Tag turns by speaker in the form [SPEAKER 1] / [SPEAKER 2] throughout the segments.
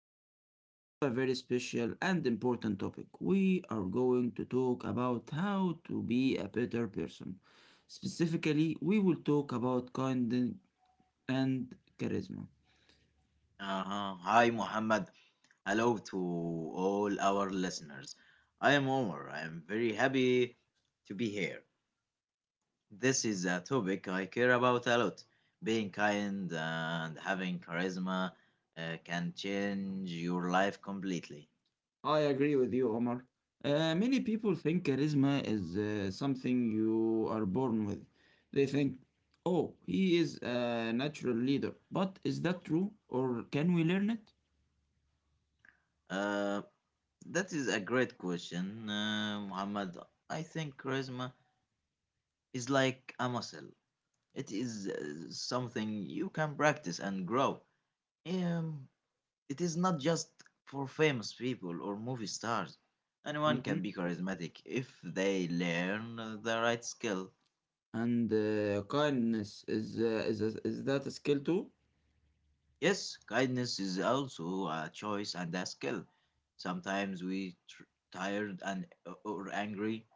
[SPEAKER 1] today we have a very special and important topic. We are going to talk about how to be a better person. Specifically, we will talk about kindness and charisma.
[SPEAKER 2] Uh-huh. Hi, Muhammad. Hello to all our listeners. I am Omar. I am very happy to be here. This is a topic I care about a lot. Being kind and having charisma can change your life completely.
[SPEAKER 1] I agree with you, Omar. Many people think charisma is something you are born with. They think, oh, he is a natural leader. But is that true, or can we learn it?
[SPEAKER 2] Uh, that is a great question, Muhammad. I think charisma is like a muscle. It is something you can practice and grow. Um, It is not just for famous people or movie stars. Anyone
[SPEAKER 1] Mhm.
[SPEAKER 2] can be charismatic if they learn the right skill.
[SPEAKER 1] And kindness is that a skill too?
[SPEAKER 2] Yes, kindness is also a choice and a skill. Sometimes we tired and or angry,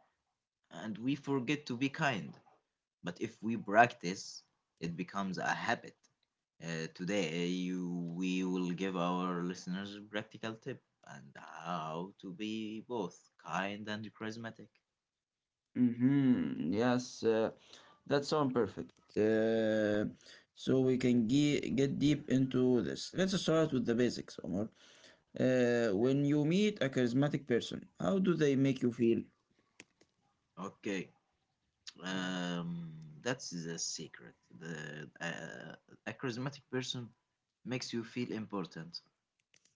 [SPEAKER 2] and we forget to be kind. But if we practice, it becomes a habit. Today we will give our listeners a practical tip and how to be both kind and charismatic.
[SPEAKER 1] Mm-hmm. Yes, that sounds perfect. So we can get deep into this. Let's start with the basics, Omar. When you meet a charismatic person, how do they make you feel?
[SPEAKER 2] Okay, um, that's the secret. The A charismatic person makes you feel important.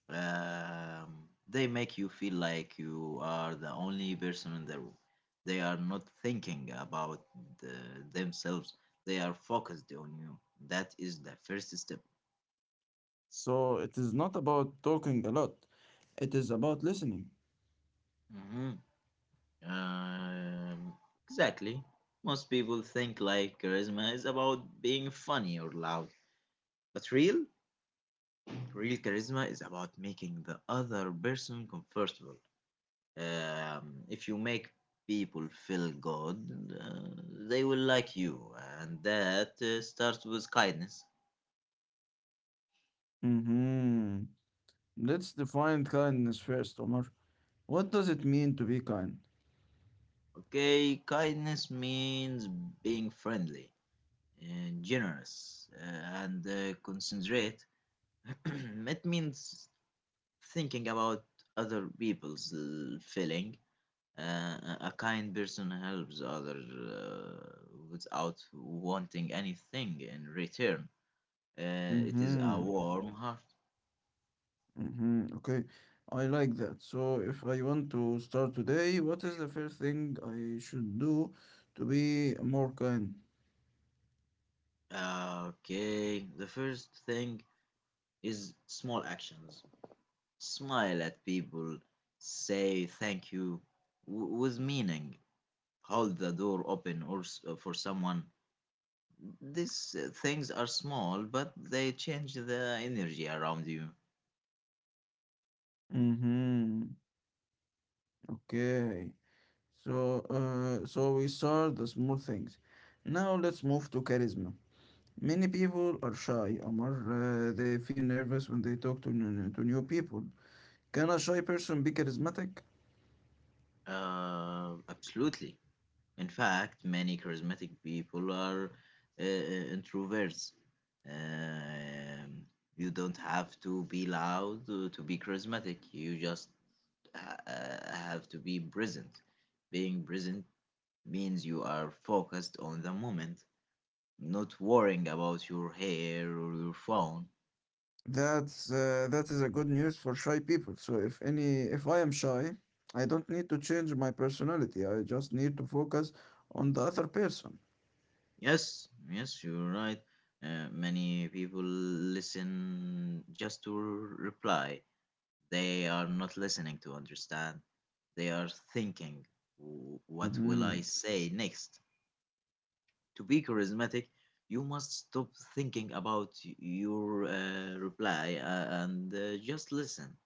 [SPEAKER 2] Um, they make you feel like you are the only person in the room. They are not thinking about the, themselves. They are focused on you. That is the first step.
[SPEAKER 1] So it is not about talking a lot, it is about listening.
[SPEAKER 2] Hmm. Um, exactly. Most people think like charisma is about being funny or loud, but real charisma is about making the other person comfortable. If you make people feel good, they will like you, and that starts with kindness.
[SPEAKER 1] Mm-hmm. Let's define kindness first, Omar. What does it mean to be kind?
[SPEAKER 2] Okay, kindness means being friendly, generous, and considerate. It means thinking about other people's feeling. A kind person helps others without wanting anything in return. It is a
[SPEAKER 1] Mm-hmm.
[SPEAKER 2] warm heart.
[SPEAKER 1] Hmm. Okay, I like that. So, if I want to start today, what is the first thing I should do to be more kind?
[SPEAKER 2] Okay, the first thing is small actions. Smile at people, say thank you with meaning, hold the door open or for someone. These things are small, but they change the energy around you.
[SPEAKER 1] Mm-hmm. Okay. So we saw the small things. Now let's move to charisma. Many people are shy, Omar. They feel nervous when they talk to new people. Can a shy person be charismatic?
[SPEAKER 2] Absolutely. In fact, many charismatic people are introverts. Um, you don't have to be loud to be charismatic. You just have to be present. Being present means you are focused on the moment, not worrying about your hair or your phone.
[SPEAKER 1] That is a good news for shy people. So if I am shy, I don't need to change my personality. I just need to focus on the other person.
[SPEAKER 2] Yes, yes, you're right. Many people listen just to reply. They are not listening to understand. They are
[SPEAKER 1] Hmm.
[SPEAKER 2] thinking, "What will I say next?" To be charismatic, you must stop thinking about your reply, and just listen.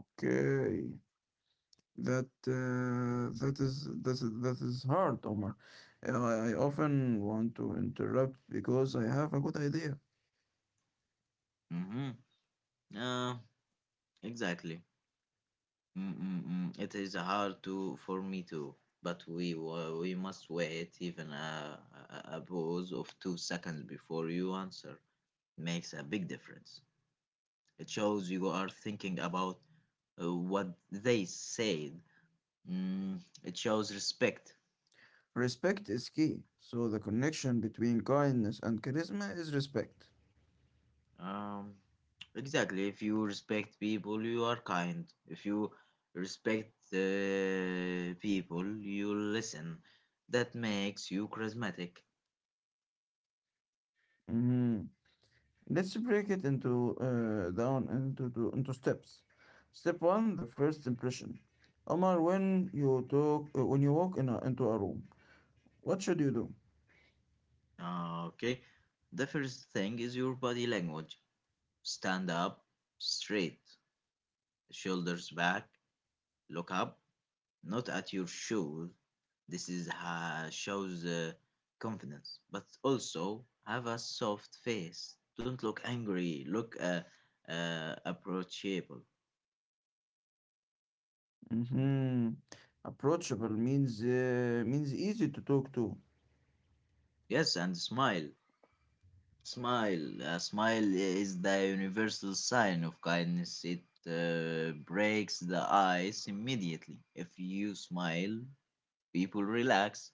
[SPEAKER 1] Okay. That is hard, Omar. I often want to interrupt because I have a good idea.
[SPEAKER 2] Hmm. Uh, exactly. Mm-mm-mm. It is hard to for me too, but we must wait even a pause of 2 seconds before you answer. Makes a big difference. It shows you are thinking about what they said. It shows respect.
[SPEAKER 1] Respect is key. So the connection between kindness and charisma is respect.
[SPEAKER 2] Um, exactly. If you respect people, you are kind. If you respect people, you listen. That makes you charismatic.
[SPEAKER 1] Mhm. Let's break it into down into to, into steps. Step one: the first impression. Omar, when you walk into a room, what should you do?
[SPEAKER 2] Okay. The first thing is your body language. Stand up straight, shoulders back, look up, not at your shoes. This is shows confidence, but also have a soft face. Don't look angry. Look approachable.
[SPEAKER 1] Hmm. Approachable means easy to talk to.
[SPEAKER 2] Yes, and smile. Smile. A smile is the universal sign of kindness. It breaks the ice immediately. If you smile, people relax.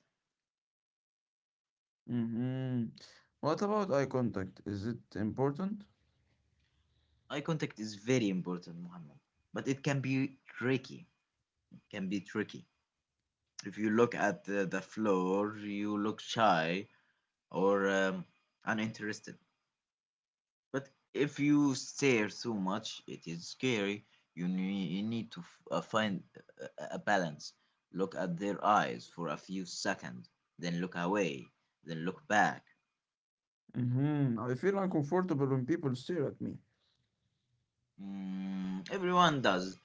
[SPEAKER 1] Hmm. What about eye contact? Is it important?
[SPEAKER 2] Eye contact is very important, Muhammad, but it can be tricky. Can be tricky If you look at the floor, you look shy or uninterested. But if you stare too much, it is scary. You need to find a balance. Look at their eyes for a few seconds, then look away, then look back.
[SPEAKER 1] Hmm. I feel uncomfortable when people stare at me.
[SPEAKER 2] Mm, everyone does.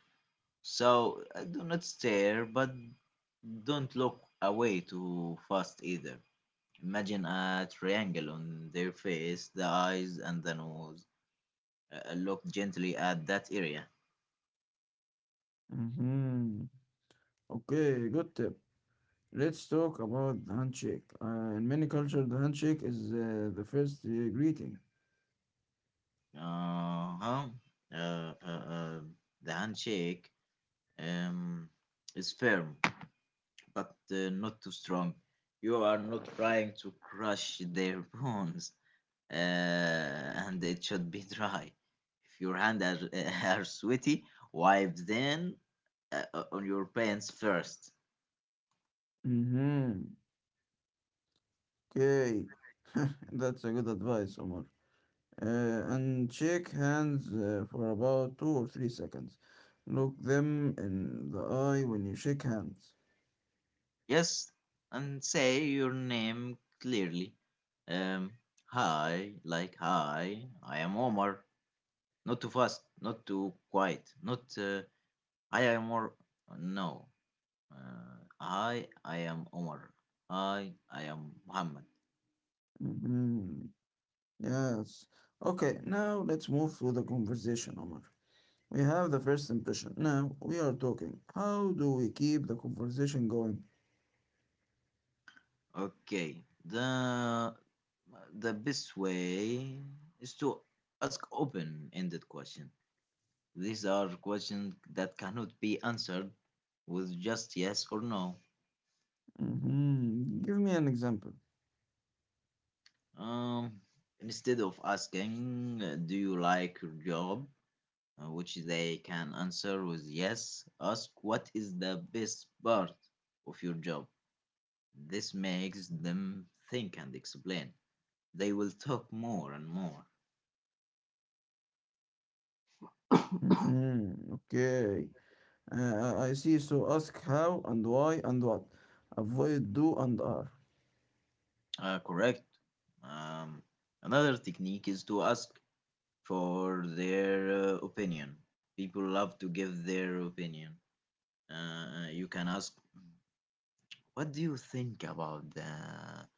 [SPEAKER 2] So do not stare, but don't look away too fast either. Imagine a triangle on their face, the eyes, and the nose. Look gently at that area.
[SPEAKER 1] Hmm. Okay, good tip. Let's talk about the handshake. In many cultures, the handshake is the first greeting.
[SPEAKER 2] Uh huh. Uh, uh, uh, the handshake um, is firm, but not too strong. You are not trying to crush their bones, uh, and it should be dry. If your hands are, are sweaty, wipe them on your pants first.
[SPEAKER 1] Mm-hmm. Okay. That's a good advice, Omar. And shake hands for about 2 or 3 seconds. Look them in the eye when you shake hands.
[SPEAKER 2] Yes, and say your name clearly. Um, Hi, like hi, I am Omar. Not too fast, not too quiet, not I am Omar. No, hi, I am Omar. Hi, I am Muhammad.
[SPEAKER 1] Mm-hmm. Yes. Okay, now let's move to the conversation, Omar. We have the first impression. Now we are talking. How do we keep the conversation going?
[SPEAKER 2] Okay, the best way is to ask open-ended question. These are questions that cannot be answered with just yes or no.
[SPEAKER 1] Mhm. Give me an example.
[SPEAKER 2] Um, instead of asking, "Do you like your job?" Which they can answer with yes, ask, "What is the best part of your job?" This makes them think and explain. They will talk more and more.
[SPEAKER 1] Mhm. Okay. I see. So ask how and why and what. Avoid do and are.
[SPEAKER 2] Correct. Um, another technique is to ask for their opinion. People love to give their opinion. You can ask, "What do you think about the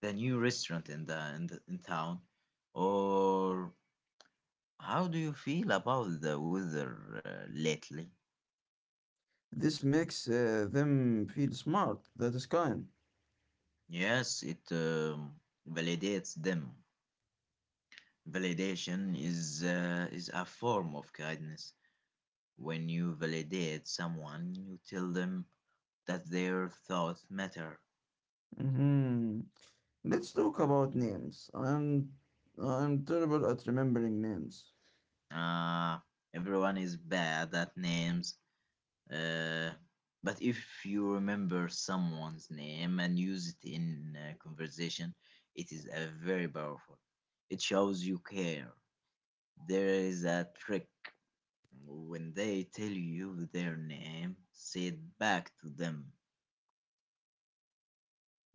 [SPEAKER 2] the new restaurant in town, or how do you feel about the weather lately?"
[SPEAKER 1] This makes them feel smart. That is kind.
[SPEAKER 2] Yes, it validates them. Validation is a form of kindness. When you validate someone, you tell them that their thoughts matter.
[SPEAKER 1] Mhm. Let's talk about names. I'm terrible at remembering names.
[SPEAKER 2] Uh, everyone is bad at names. Uh, but if you remember someone's name and use it in conversation, it is a very powerful. It shows you care. There is a trick. When they tell you their name, say it back to them.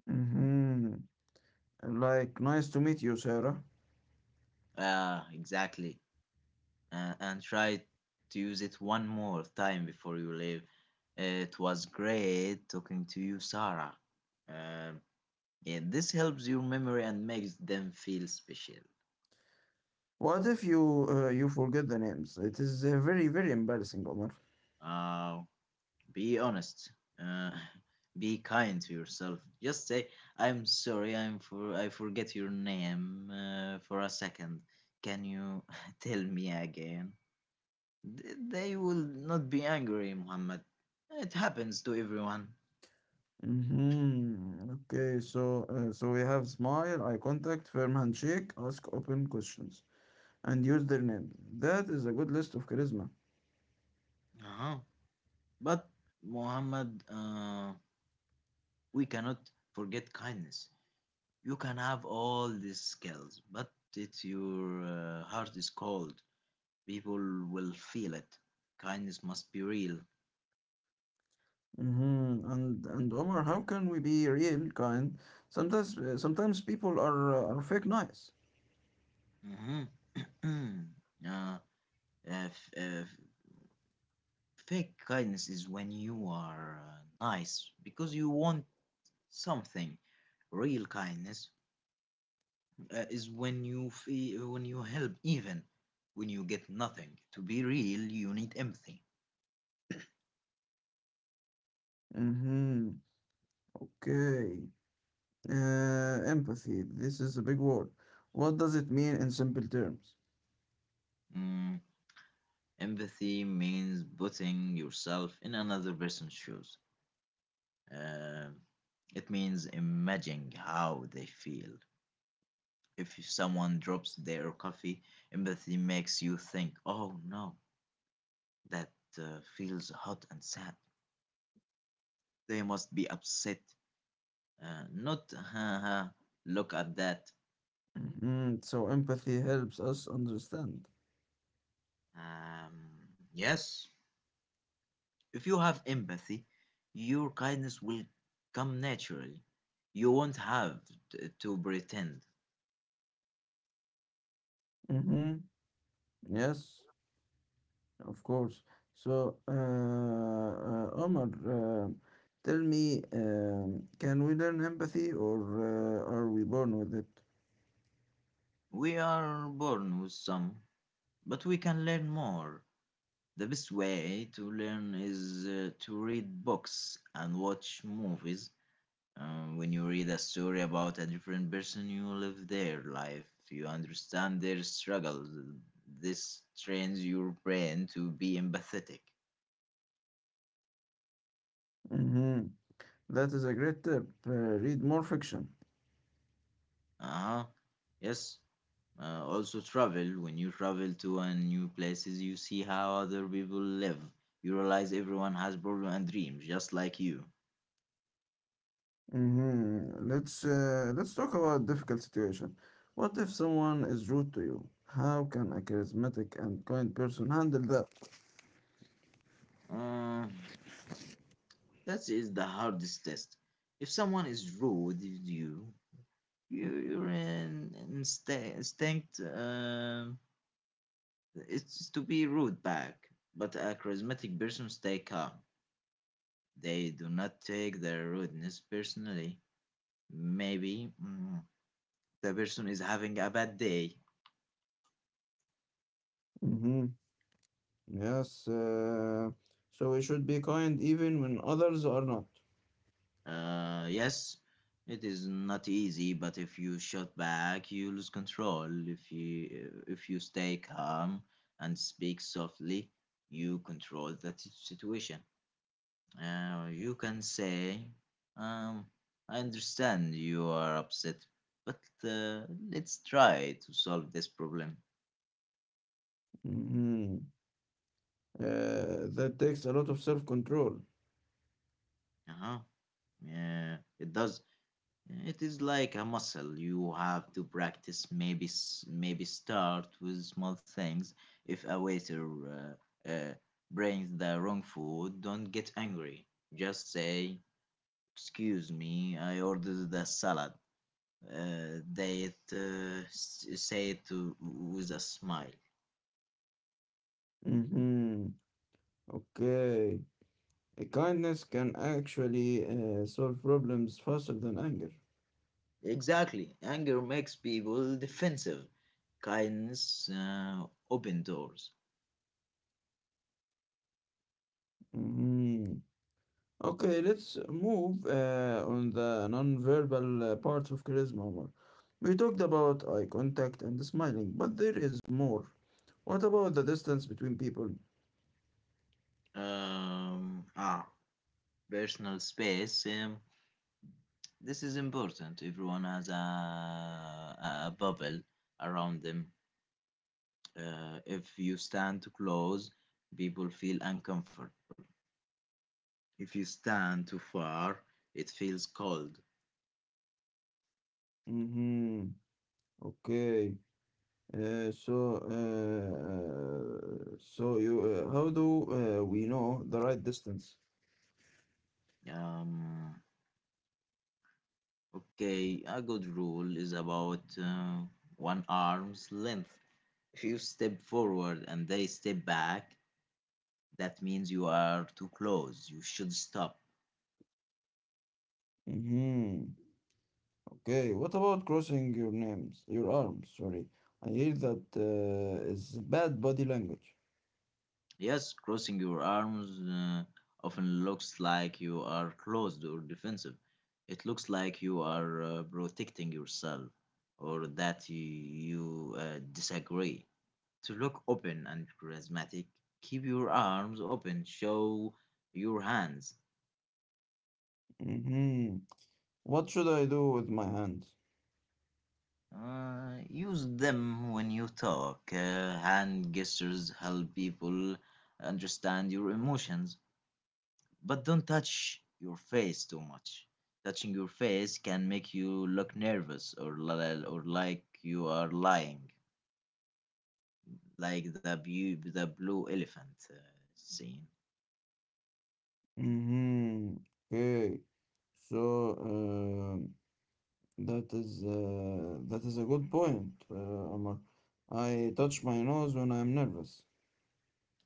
[SPEAKER 1] Mhm. Like nice to meet you, Sarah.
[SPEAKER 2] Ah, exactly. And try to use it one more time before you leave. It was great talking to you, Sarah. Um, yeah, this helps your memory and makes them feel special.
[SPEAKER 1] What if you forget the names? It is very very embarrassing, Omar.
[SPEAKER 2] Uh, be honest. Uh, be kind to yourself. Just say, "I'm sorry. I forget your name for a second. Can you tell me again?" They will not be angry, Muhammad. It happens to everyone.
[SPEAKER 1] Mm-hmm. Okay, so we have smile, eye contact, firm handshake, ask open questions, and use their name. That is a good list of charisma.
[SPEAKER 2] Uh-huh. But Muhammad, we cannot forget kindness. You can have all these skills, but if your heart is cold, people will feel it. Kindness must be real.
[SPEAKER 1] Mm-hmm. And Omar, how can we be real kind? Sometimes people are fake nice.
[SPEAKER 2] Mhm. uh, if fake kindness is when you are nice because you want something. Real kindness is when you feel, when you help, even when you get nothing. To be real, you need empathy.
[SPEAKER 1] Mm-hmm. Okay. Empathy. This is a big word. What does it mean in simple terms?
[SPEAKER 2] Mm, empathy means putting yourself in another person's shoes. Uh, it means imagining how they feel. If someone drops their coffee, empathy makes you think, oh no, that feels hot and sad. They must be upset. Not, haha, look at that.
[SPEAKER 1] Mm-hmm. So empathy helps us understand.
[SPEAKER 2] Um, yes, if you have empathy, your kindness will come naturally. You won't have to pretend.
[SPEAKER 1] Mm-hmm. Yes. Of course. So, Omar, tell me, can we learn empathy or are we born with it?
[SPEAKER 2] We are born with some, but we can learn more. The best way to learn is to read books and watch movies. When you read a story about a different person, you live their life, you understand their struggles. This trains your brain to be empathetic.
[SPEAKER 1] Mhm. That is a great tip. Read more fiction.
[SPEAKER 2] Uh huh. Yes. Also, travel. When you travel to a new places, you see how other people live. You realize everyone has problems and dreams, just like you.
[SPEAKER 1] Mm-hmm. Let's talk about difficult situation. What if someone is rude to you? How can a charismatic and kind person handle that?
[SPEAKER 2] Uh, That is the hardest test. If someone is rude with you, your instinct, it's to be rude back. But a charismatic person stay calm. They do not take their rudeness personally. Maybe the person is having a bad day.
[SPEAKER 1] Mm-hmm. Yes. So we should be kind even when others are not.
[SPEAKER 2] Yes, it is not easy, but if you shot back, you lose control. If you stay calm and speak softly, you control that situation. You can say, um, "I understand you are upset, but uh, let's try to solve this problem."
[SPEAKER 1] Mhm. That takes a lot of self-control.
[SPEAKER 2] Uh-huh. Yeah, it does. It is like a muscle. You have to practice. Maybe start with small things. If a waiter brings the wrong food, don't get angry. Just say, "Excuse me, I ordered the salad." Say it with a smile.
[SPEAKER 1] Hmm. Okay. Kindness can actually solve problems faster than anger.
[SPEAKER 2] Exactly. Anger makes people defensive. Kindness open doors.
[SPEAKER 1] Hmm. Okay, let's move on the non-verbal parts of charisma, Omar. We talked about eye contact and smiling, but there is more. What about the distance between people?
[SPEAKER 2] Um, ah, personal space. This is important. Everyone has a bubble around them. If you stand too close, people feel uncomfortable. If you stand too far, it feels cold.
[SPEAKER 1] Hmm. Okay. How do we know the right distance?
[SPEAKER 2] Um, okay, a good rule is about one arm's length. If you step forward and they step back, that means you are too close. You should stop.
[SPEAKER 1] Hmm. Okay. What about crossing your names, your arms? Sorry, I hear that is bad body language.
[SPEAKER 2] Yes, crossing your arms often looks like you are closed or defensive. It looks like you are protecting yourself or that you disagree. To look open and charismatic, keep your arms open, show your hands.
[SPEAKER 1] Hmm. What should I do with my hands?
[SPEAKER 2] Use them when you talk. Hand gestures help people understand your emotions. But don't touch your face too much. Touching your face can make you look nervous or like you are lying, like the blue elephant scene.
[SPEAKER 1] Hmm. Okay. So, that is a good point, Omar. I touch my nose when I'm nervous.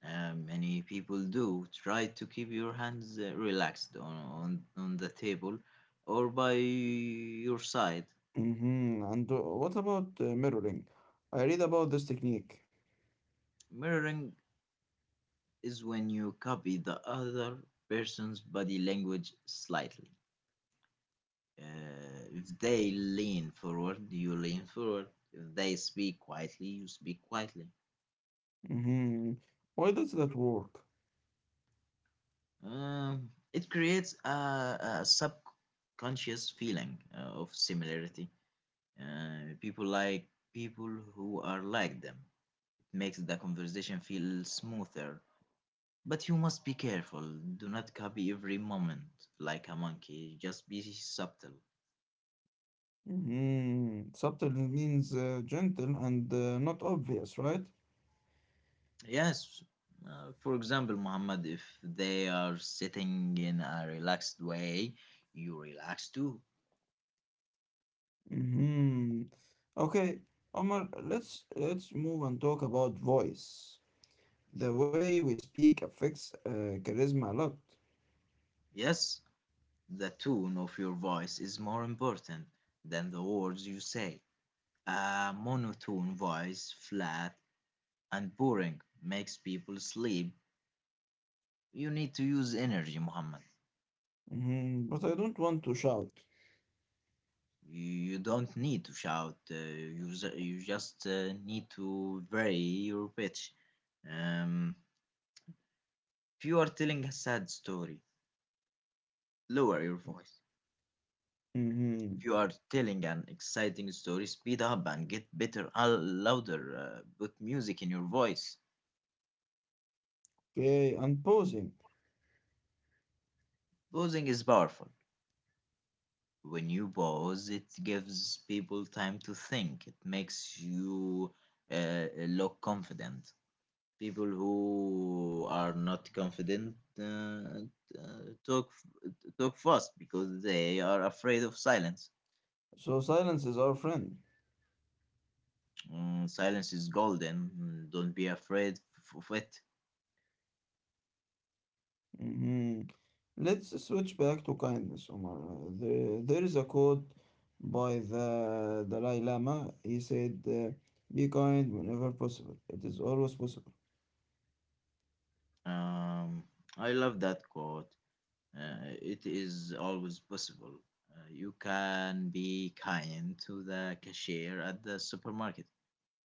[SPEAKER 2] Many people do try to keep your hands relaxed on the table or by your side.
[SPEAKER 1] Hmm. And what about mirroring? I read about this technique.
[SPEAKER 2] Mirroring is when you copy the other person's body language slightly. Uh, if they lean forward, you lean forward. If they speak quietly, you speak quietly.
[SPEAKER 1] Hmm. Why does that work?
[SPEAKER 2] It creates a subconscious feeling of similarity. People like people who are like them. It makes the conversation feel smoother. But you must be careful. Do not copy every moment like a monkey. Just be subtle.
[SPEAKER 1] Hmm. Subtle means gentle and not obvious, right?
[SPEAKER 2] Yes, for example, Muhammad, if they are sitting in a relaxed way, you relax too.
[SPEAKER 1] Hmm. Okay, Omar, let's move and talk about voice. The way we speak affects charisma a lot.
[SPEAKER 2] Yes, the tone of your voice is more important than the words you say. A monotone voice, flat and boring, makes people sleep. You need to use energy, Muhammad.
[SPEAKER 1] Hmm. But I don't want to shout.
[SPEAKER 2] You don't need to shout. You just need to vary your pitch. Um, if you are telling a sad story, lower your voice.
[SPEAKER 1] Hmm.
[SPEAKER 2] If you are telling an exciting story, speed up and get better, louder. Put music in your voice.
[SPEAKER 1] Okay, and pausing.
[SPEAKER 2] Pausing is powerful. When you pause, it gives people time to think. It makes you look confident. People who are not confident uh, talk talk fast because they are afraid of silence.
[SPEAKER 1] So silence is our friend.
[SPEAKER 2] Mm, silence is golden. Don't be afraid of it.
[SPEAKER 1] Mhm. Let's switch back to kindness, Omar. There is a quote by the Dalai Lama. He said, "Be kind whenever possible. It is always possible."
[SPEAKER 2] Um, I love that quote. It is always possible. You can be kind to the cashier at the supermarket.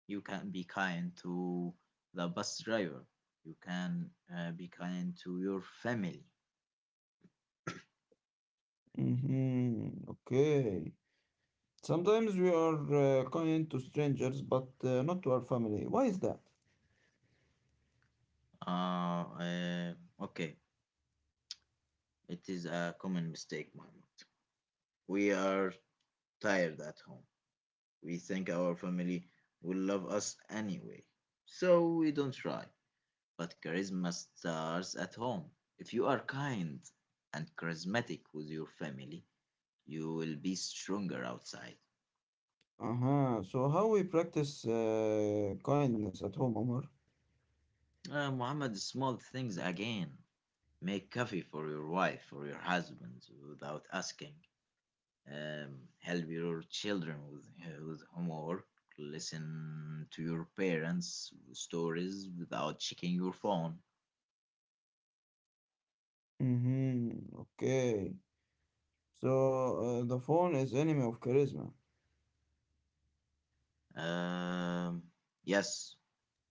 [SPEAKER 2] You can be kind to the bus driver. You can be kind to your family.
[SPEAKER 1] Hmm. Okay. Sometimes we are kind to strangers, but not to our family. Why is that?
[SPEAKER 2] Uh, uh, okay, it is a common mistake, Muhammad. We are tired at home. We think our family will love us anyway, so we don't try. But charisma starts at home. If you are kind and charismatic with your family, you will be stronger outside.
[SPEAKER 1] Uh-huh. So how we practice kindness at home, Omar?
[SPEAKER 2] Muhammad, small things again. Make coffee for your wife or your husband without asking. Help your children with homework. Listen to your parents' stories without checking your phone.
[SPEAKER 1] Mm-hmm. Okay. So, the phone is enemy of charisma.
[SPEAKER 2] Um, yes,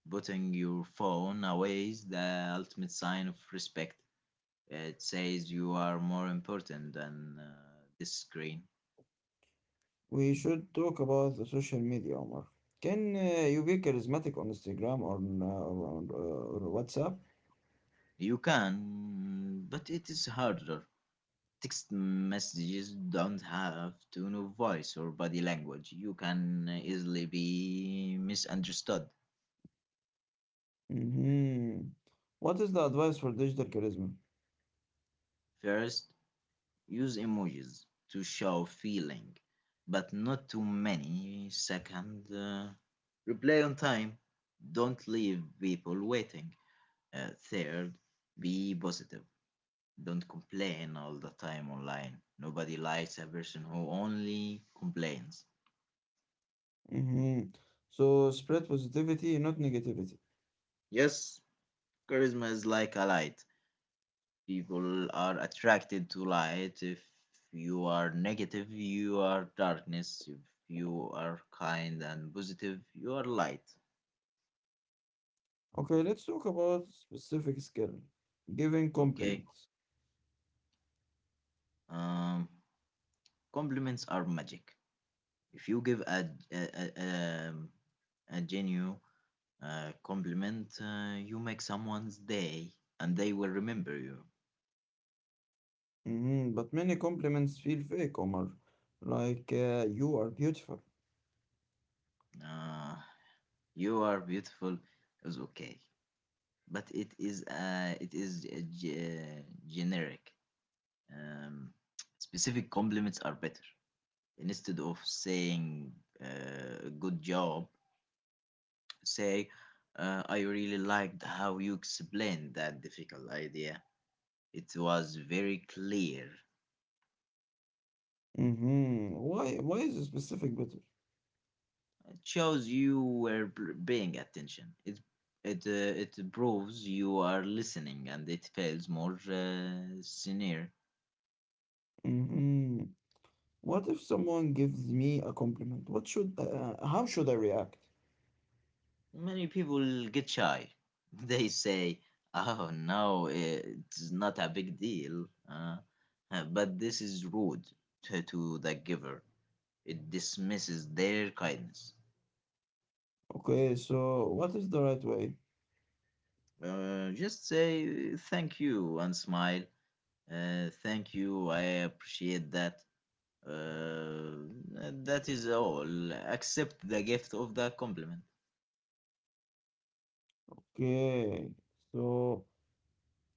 [SPEAKER 2] putting your phone away is the ultimate sign of respect. It says you are more important than this screen.
[SPEAKER 1] We should talk about the social media, Omar. Can you be charismatic on Instagram or WhatsApp?
[SPEAKER 2] You can, but it is harder. Text messages don't have to know voice or body language. You can easily be misunderstood.
[SPEAKER 1] Mm-hmm. What is the advice for digital charisma?
[SPEAKER 2] First, use emojis to show feeling, but not too many. Second, reply on time. Don't leave people waiting. Third, be positive. Don't complain all the time online. Nobody likes a person who only complains.
[SPEAKER 1] Mm-hmm. So spread positivity, not negativity.
[SPEAKER 2] Yes, charisma is like a light. People are attracted to light. If you are negative, you are darkness. If you are kind and positive, you are light.
[SPEAKER 1] Okay, let's talk about specific skill. Giving
[SPEAKER 2] Okay.
[SPEAKER 1] compliments.
[SPEAKER 2] Um, Compliments are magic. If you give um, a genuine compliment, you make someone's day, and they will remember you.
[SPEAKER 1] Mm-hmm. But many compliments feel fake, Omar. Like you are beautiful.
[SPEAKER 2] Uh, you are beautiful is okay, but it is generic. Um, Specific compliments are better. Instead of saying "good job," say "I really liked how you explained that difficult idea. It was very clear.
[SPEAKER 1] Mm-hmm. Why? Why is a specific but
[SPEAKER 2] It shows you were paying attention. It proves you are listening, and it feels more sincere."
[SPEAKER 1] Mhm. What if someone gives me a compliment? What should how should I react?
[SPEAKER 2] Many people get shy. They say, "Oh no, it's not a big deal." But this is rude to the giver. It dismisses their kindness.
[SPEAKER 1] Okay, so what is the right way?
[SPEAKER 2] Just say thank you and smile. Thank you. I appreciate that. Uh, that is all. Accept the gift of the compliment.
[SPEAKER 1] Okay, so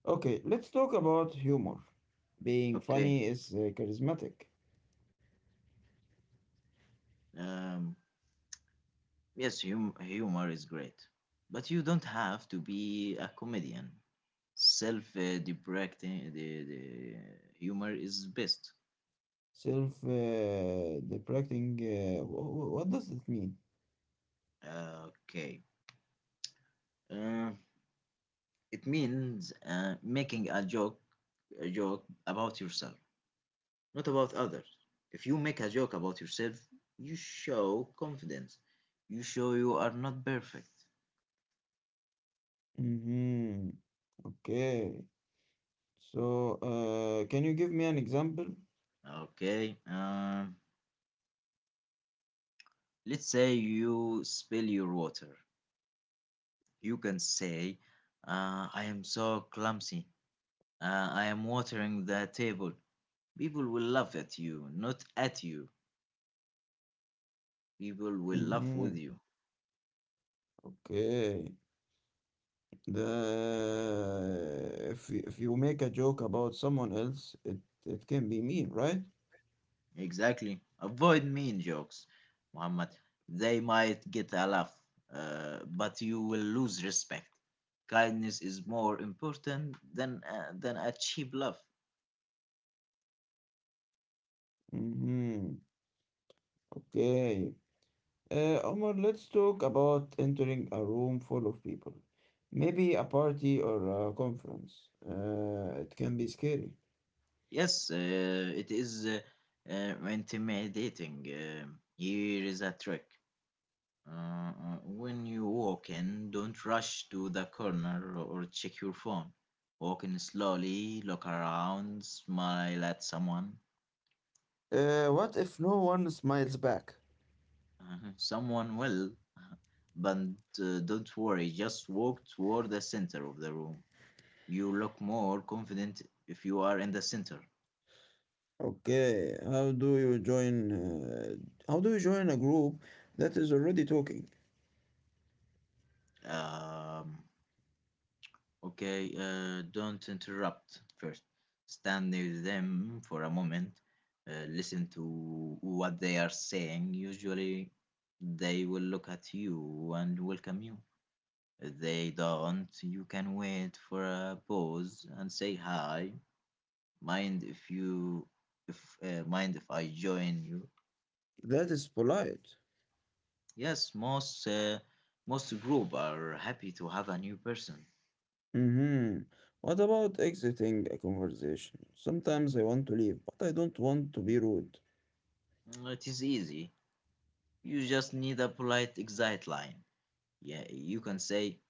[SPEAKER 1] okay, let's talk about humor. Being
[SPEAKER 2] Okay.
[SPEAKER 1] funny is charismatic.
[SPEAKER 2] Um, Yes, humor is great, but you don't have to be a comedian. Self deprecating the humor is best.
[SPEAKER 1] Self deprecating. What does that mean?
[SPEAKER 2] Okay. Uh, it means making a joke about yourself, not about others. If you make a joke about yourself, you show confidence. You show you are not perfect.
[SPEAKER 1] Mm-hmm. Okay. So, can you give me an example?
[SPEAKER 2] Okay. Let's say you spill your water. You can say, I am so clumsy. I am watering the table. People will laugh at you, not at you. People will laugh
[SPEAKER 1] Mm-hmm.
[SPEAKER 2] with you.
[SPEAKER 1] Okay. The if you make a joke about someone else, it can be mean, right?
[SPEAKER 2] Exactly. Avoid mean jokes, Muhammad. They might get a laugh, but you will lose respect. Kindness is more important than than a cheap laugh.
[SPEAKER 1] Mm-hmm. Okay. Omar, let's talk about entering a room full of people. Maybe a party or a conference. It can be scary.
[SPEAKER 2] Yes, it is intimidating. Um, here is a trick. Uh, uh, when you walk in, don't rush to the corner or check your phone. Walk in slowly, look around, smile at someone.
[SPEAKER 1] What if no one smiles back?
[SPEAKER 2] Someone will, but don't worry, just walk toward the center of the room. You look more confident if you are in the center.
[SPEAKER 1] Okay, how do you join? How do you join a group that is already talking?
[SPEAKER 2] Um, Okay, don't interrupt first. Stand near them for a moment. Listen to what they are saying. Usually, they will look at you and welcome you. If they don't, you can wait for a pause and say hi. Mind if you, Mind if I join you?
[SPEAKER 1] That is polite.
[SPEAKER 2] Yes, most group are happy to have a new person.
[SPEAKER 1] Mhm. What about exiting a conversation? Sometimes I want to leave, but I don't want to be rude.
[SPEAKER 2] Mm, it is easy. You just need a polite exit line. Yeah, you can say,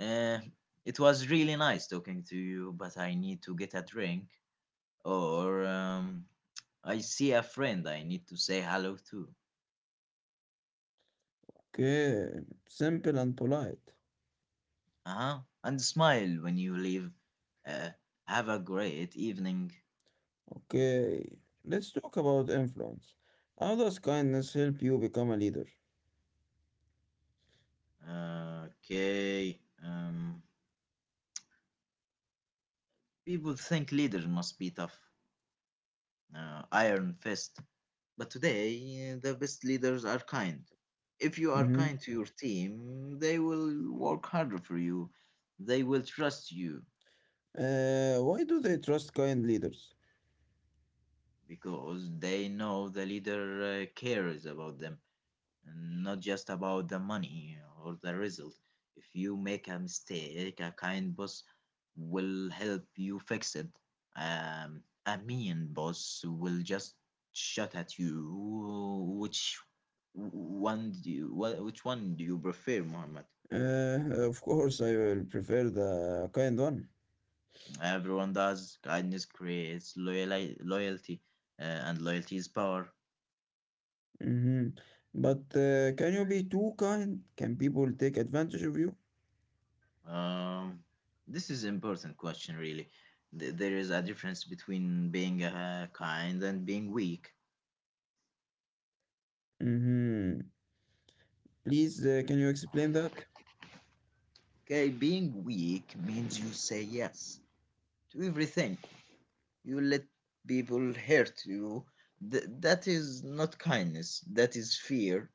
[SPEAKER 2] uh, it was really nice talking to you, but I need to get a drink. Or, I see a friend I need to say hello to.
[SPEAKER 1] Okay, simple and polite.
[SPEAKER 2] Uh huh. And smile when you leave. Uh, have a great evening.
[SPEAKER 1] Okay, let's talk about influence. How does kindness help you become a leader?
[SPEAKER 2] Okay. People think leaders must be tough. Uh, iron fist. But today, the best leaders are kind. If you are
[SPEAKER 1] Mm-hmm.
[SPEAKER 2] kind to your team, they will work harder for you. They will trust you
[SPEAKER 1] Why do they trust kind leaders?
[SPEAKER 2] because they know the leader cares about them, and not just about the money or the result. If you make a mistake, a kind boss will help you fix it. A mean boss will just shut at you. Which one do you prefer, Muhammad?
[SPEAKER 1] Of course, I will prefer the kind one.
[SPEAKER 2] Everyone does. Kindness creates loyalty, and loyalty is power.
[SPEAKER 1] Mm-hmm. But can you be too kind? Can people take advantage of you?
[SPEAKER 2] Um, this is important question, really. There is a difference between being kind and being weak.
[SPEAKER 1] Mm-hmm. Please, can you explain that?
[SPEAKER 2] Okay, being weak means you say yes to everything. You let people hurt you. That is not kindness. That is fear.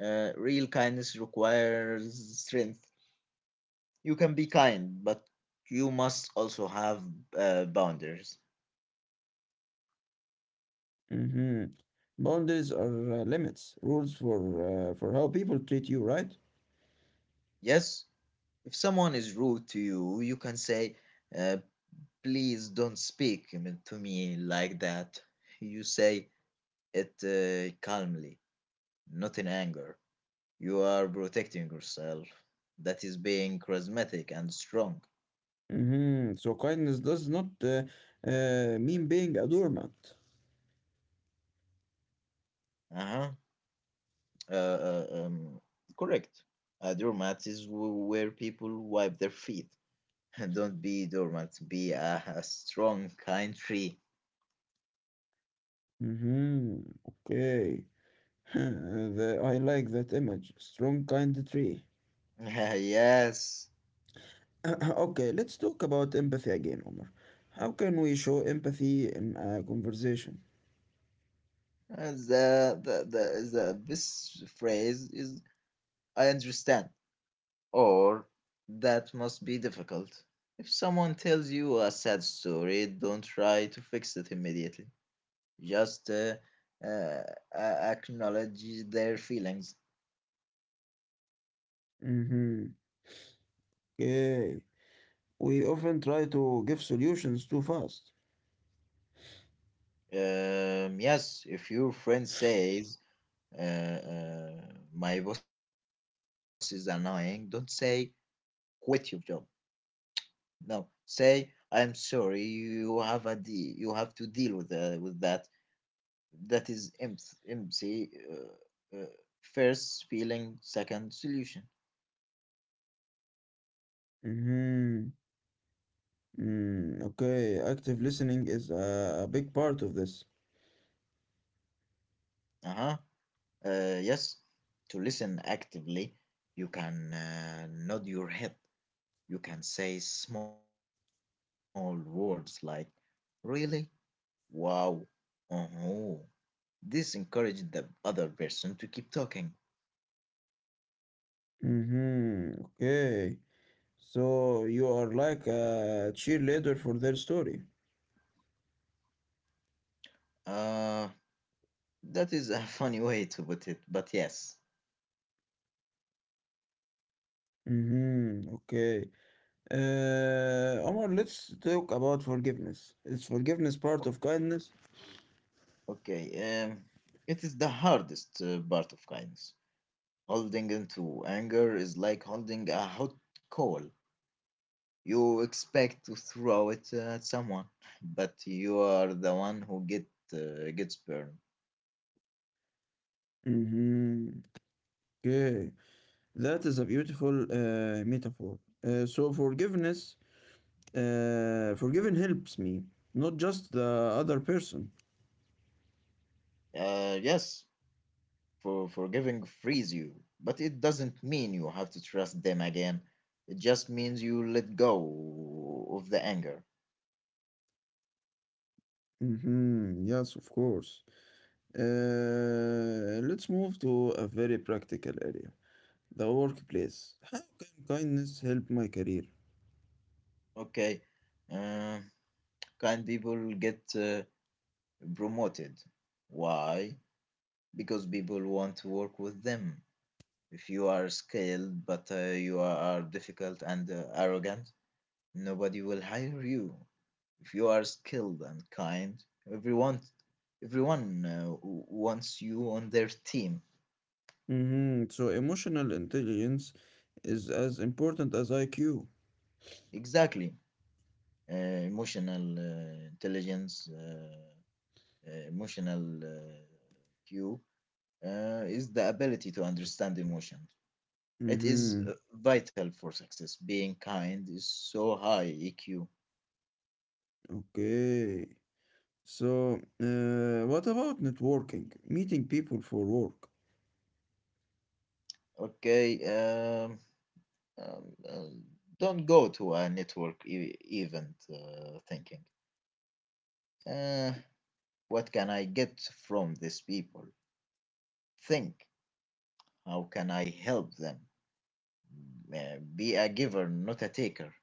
[SPEAKER 2] Real kindness requires strength. You can be kind, but you must also have boundaries.
[SPEAKER 1] Hmm. Boundaries are limits, rules for how people treat you, right?
[SPEAKER 2] Yes, if someone is rude to you, you can say, uh, please don't speak to me like that. You say it calmly, not in anger. You are protecting yourself. That is being charismatic and strong.
[SPEAKER 1] Hmm. So kindness does not mean being a doormat.
[SPEAKER 2] Uh-huh. Uh uh, um, Correct. A doormat is where people wipe their feet. Don't be dormant. Be a strong, kind tree.
[SPEAKER 1] Hmm. Okay. I like that image. Strong, kind tree.
[SPEAKER 2] Yes.
[SPEAKER 1] Okay, let's talk about empathy again, Omar. How can we show empathy in a conversation?
[SPEAKER 2] The best phrase is I understand. Or that must be difficult. If someone tells you a sad story, don't try to fix it immediately. Just uh, acknowledge their feelings.
[SPEAKER 1] Hmm. Okay. We often try to give solutions too fast.
[SPEAKER 2] Yes, if your friend says, uh, uh, my boss is annoying, don't say, quit your job. No, say, I'm sorry, you have you have to deal with that. That is MC, MC first feeling, second solution.
[SPEAKER 1] Mm-hmm. Okay, active listening is a big part of this.
[SPEAKER 2] Uh-huh. Yes, to listen actively, you can nod your head. You can say small words like really, wow, uh-huh. This encourages the other person to keep talking.
[SPEAKER 1] Mm-hmm. Okay. So you are like a cheerleader for their story.
[SPEAKER 2] Uh, that is a funny way to put it, but yes.
[SPEAKER 1] Mm-hmm. Okay. Omar, let's talk about forgiveness. Is forgiveness part of kindness?
[SPEAKER 2] Okay, um, it is the hardest part of kindness. Holding into anger is like holding a hot coal. You expect to throw it at someone, but you are the one who gets burned.
[SPEAKER 1] Mm-hmm. Okay. That is a beautiful metaphor. So forgiving helps me, not just the other person.
[SPEAKER 2] Yes, for forgiving frees you, but it doesn't mean you have to trust them again. It just means you let go of the anger.
[SPEAKER 1] Mm-hmm. Yes, of course. Let's move to a very practical area, the workplace. How can kindness help my career?
[SPEAKER 2] Okay, uh, kind people get promoted. Why? Because people want to work with them. If you are skilled but you are difficult and arrogant, nobody will hire you. If you are skilled and kind, everyone everyone wants you on their team.
[SPEAKER 1] Hmm. So, emotional intelligence is as important as IQ.
[SPEAKER 2] Exactly. Uh, emotional uh, intelligence, uh, emotional Q, is the ability to understand emotion. It is
[SPEAKER 1] Hmm.
[SPEAKER 2] vital for success. Being kind is so high EQ.
[SPEAKER 1] Okay. So, what about networking? Meeting people for work.
[SPEAKER 2] Okay. Um, Um, uh, don't go to a event thinking, uh, what can I get from these people? Think, how can I help them? Be a giver, not a taker.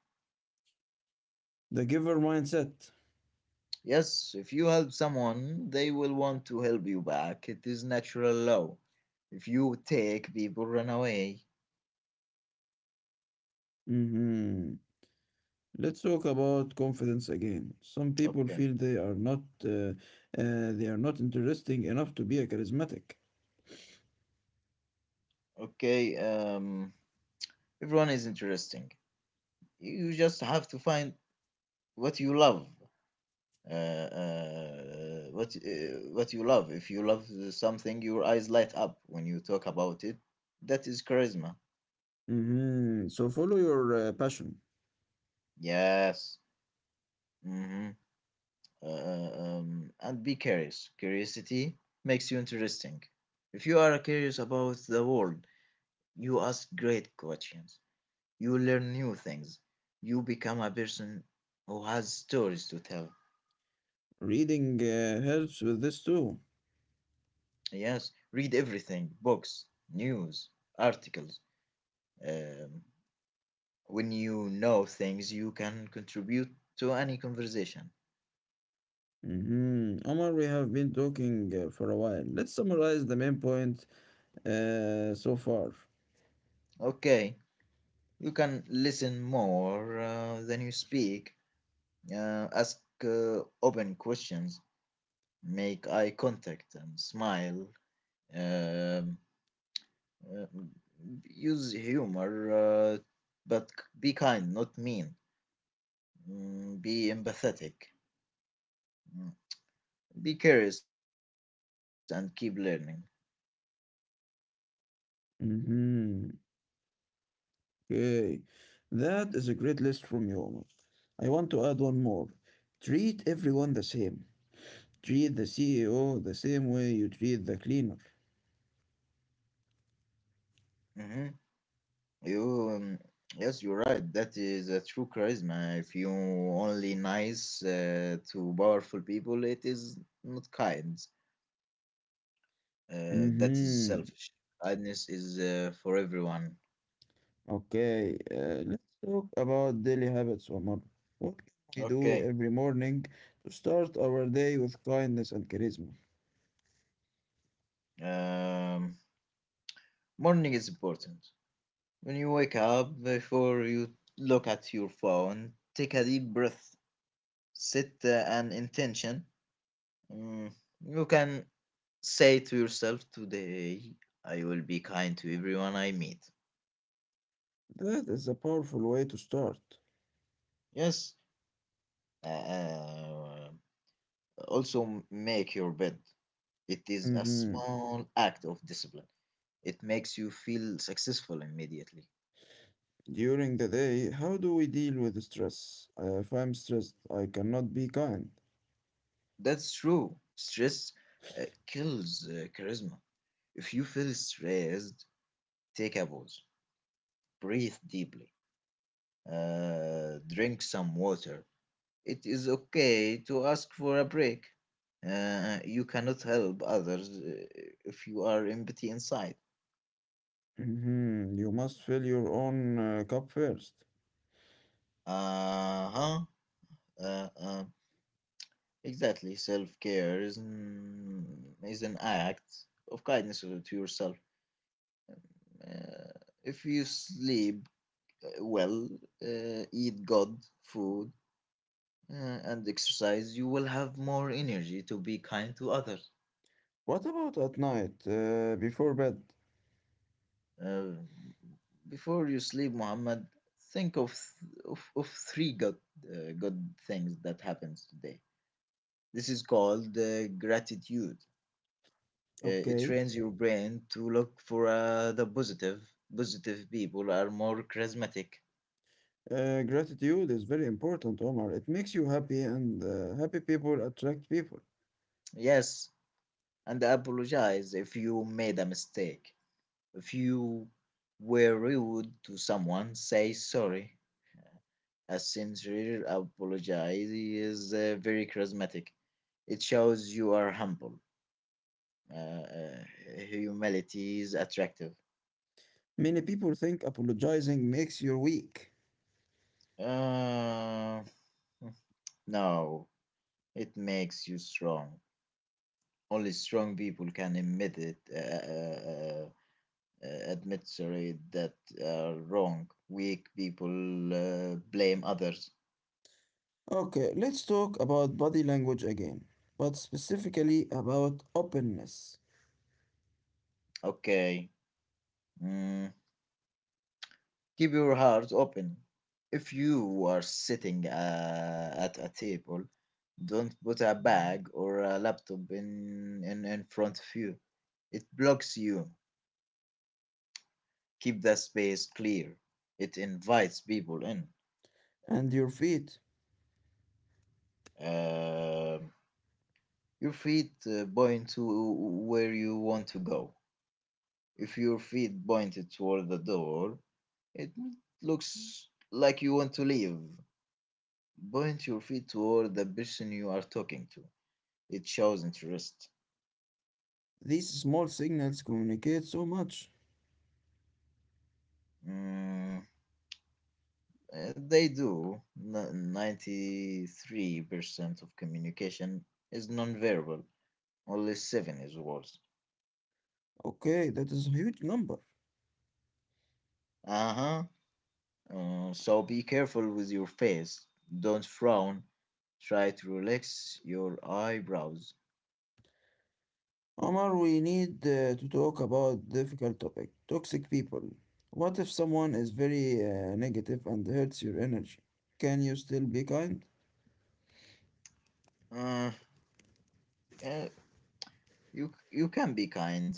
[SPEAKER 1] The giver mindset.
[SPEAKER 2] Yes, if you help someone, they will want to help you back. It is natural law. If you take, people run away.
[SPEAKER 1] Hmm. Let's talk about confidence again. Some people
[SPEAKER 2] Okay,
[SPEAKER 1] feel they are not interesting enough to be a charismatic.
[SPEAKER 2] okay. Everyone is interesting. You just have to find what you love what you love. If you love something, your eyes light up when you talk about it. That is charisma.
[SPEAKER 1] Hmm. So follow your passion.
[SPEAKER 2] Yes. Mm-hmm. Uh, uh, and be curious. Curiosity makes you interesting. If you are curious about the world, you ask great questions. You learn new things. You become a person who has stories to tell.
[SPEAKER 1] Reading helps with this too.
[SPEAKER 2] Yes. Read everything: books, news, articles. Um, When you know things, you can contribute to any conversation.
[SPEAKER 1] Hmm. Omar, we have been talking for a while. Let's summarize the main point so far.
[SPEAKER 2] Okay, you can listen more than you speak, ask open questions, make eye contact, and smile. Um, uh, Use humor, but be kind, not mean. Mm, be empathetic. Mm, be curious and keep learning.
[SPEAKER 1] Hmm. Okay. That is a great list from you, Omar. I want to add one more. Treat everyone the same. Treat the CEO the same way you treat the cleaner.
[SPEAKER 2] Mhm. You, um, yes, you're right. That is a true charisma. If you only nice to powerful people, it is not kind. That is
[SPEAKER 1] Hmm.
[SPEAKER 2] selfish. Kindness is for everyone.
[SPEAKER 1] Okay, let's talk about daily habits, Omar. What can we do
[SPEAKER 2] Okay.
[SPEAKER 1] every morning to start our day with kindness and charisma?
[SPEAKER 2] Um, Morning is important. When you wake up, before you look at your phone, take a deep breath, set an intention. Mm, you can say to yourself, today I will be kind to everyone I meet.
[SPEAKER 1] That is a powerful way to start.
[SPEAKER 2] Yes. Uh, also, make your bed. It is a
[SPEAKER 1] Hmm.
[SPEAKER 2] small act of discipline. It makes you feel successful immediately.
[SPEAKER 1] During the day, how do we deal with stress? If I'm stressed, I cannot be kind.
[SPEAKER 2] That's true. Stress kills charisma. If you feel stressed, take a pause, breathe deeply, drink some water. It is okay to ask for a break. You cannot help others if you are empty inside.
[SPEAKER 1] Hmm. You must fill your own cup first.
[SPEAKER 2] Uh huh. Uh, uh, exactly. Self care is an act of kindness to yourself. Uh, if you sleep well, eat good food, uh, and exercise, you will have more energy to be kind to others.
[SPEAKER 1] What about at night, before bed?
[SPEAKER 2] Uh, Before you sleep, Muhammad, think of of three good good things that happens today. This is called gratitude. It
[SPEAKER 1] Okay.
[SPEAKER 2] trains your brain to look for the positive. Positive people are more charismatic.
[SPEAKER 1] Gratitude is very important, Omar. It makes you happy, and happy people attract people.
[SPEAKER 2] Yes, and apologize if you made a mistake. If you were rude to someone, say sorry. A sincere apology is very charismatic. It shows you are humble. Uh, uh, Humility is attractive.
[SPEAKER 1] Many people think apologizing makes you weak.
[SPEAKER 2] Uh, no, it makes you strong. Only strong people can admit it admit sorry that are wrong. Weak people blame others.
[SPEAKER 1] Okay, let's talk about body language again, but specifically about openness
[SPEAKER 2] Okay. Mm, keep your heart open. If you are sitting at a table, don't put a bag or a laptop in front of you. It blocks you. Keep the space clear. It invites people in.
[SPEAKER 1] and your feet.
[SPEAKER 2] Um Your feet point to where you want to go. If your feet point toward the door, it looks like you want to leave. Point your feet toward the person you are talking to. It shows interest.
[SPEAKER 1] These small signals communicate so much.
[SPEAKER 2] Mm, they do. 93% of communication is nonverbal, only 7 is words.
[SPEAKER 1] Okay, that is a huge number.
[SPEAKER 2] Uh huh. So be careful with your face. Don't frown. Try to relax your eyebrows.
[SPEAKER 1] Omar, we need to talk about difficult topic, toxic people. What if someone is very negative and hurts your energy? Can you still be kind?
[SPEAKER 2] Uh, yeah, you can be kind,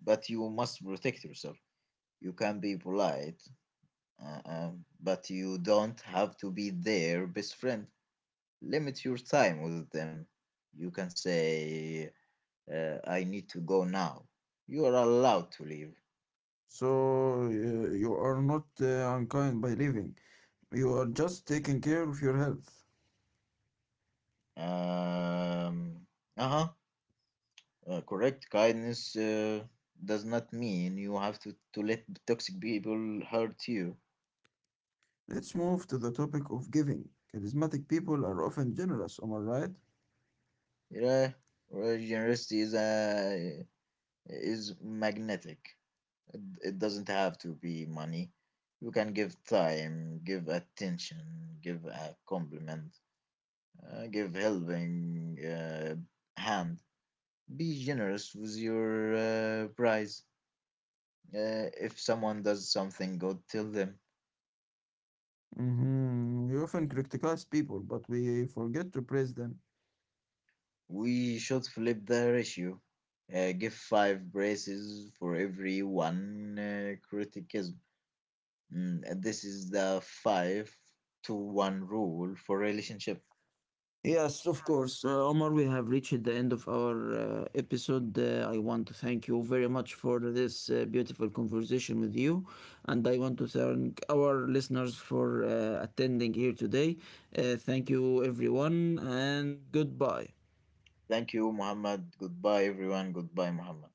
[SPEAKER 2] but you must protect yourself. You can be polite, but you don't have to be their best friend. Limit your time with them. You can say, "I need to go now." You are allowed to leave.
[SPEAKER 1] So you are not unkind by leaving. You are just taking care of your health.
[SPEAKER 2] Um, uh huh. Correct. Kindness does not mean you have to let toxic people hurt you.
[SPEAKER 1] Let's move to the topic of giving. Charismatic people are often generous, am I right?
[SPEAKER 2] Yeah. Well, generosity is magnetic. It doesn't have to be money. You can give time, give attention, give a compliment, give helping hand. Be generous with your prize. If someone does something good, tell them.
[SPEAKER 1] Hmm. We often criticize people, but we forget to praise them.
[SPEAKER 2] We should flip the ratio. Give five braces for every one criticism. Mm, and this is the five to one rule for relationship.
[SPEAKER 1] Yes, of course. Omar, we have reached the end of our episode. I want to thank you very much for this beautiful conversation with you. And I want to thank our listeners for attending here today. Thank you, everyone, and goodbye.
[SPEAKER 2] Thank you, Muhammad. Goodbye, everyone. Goodbye, Muhammad.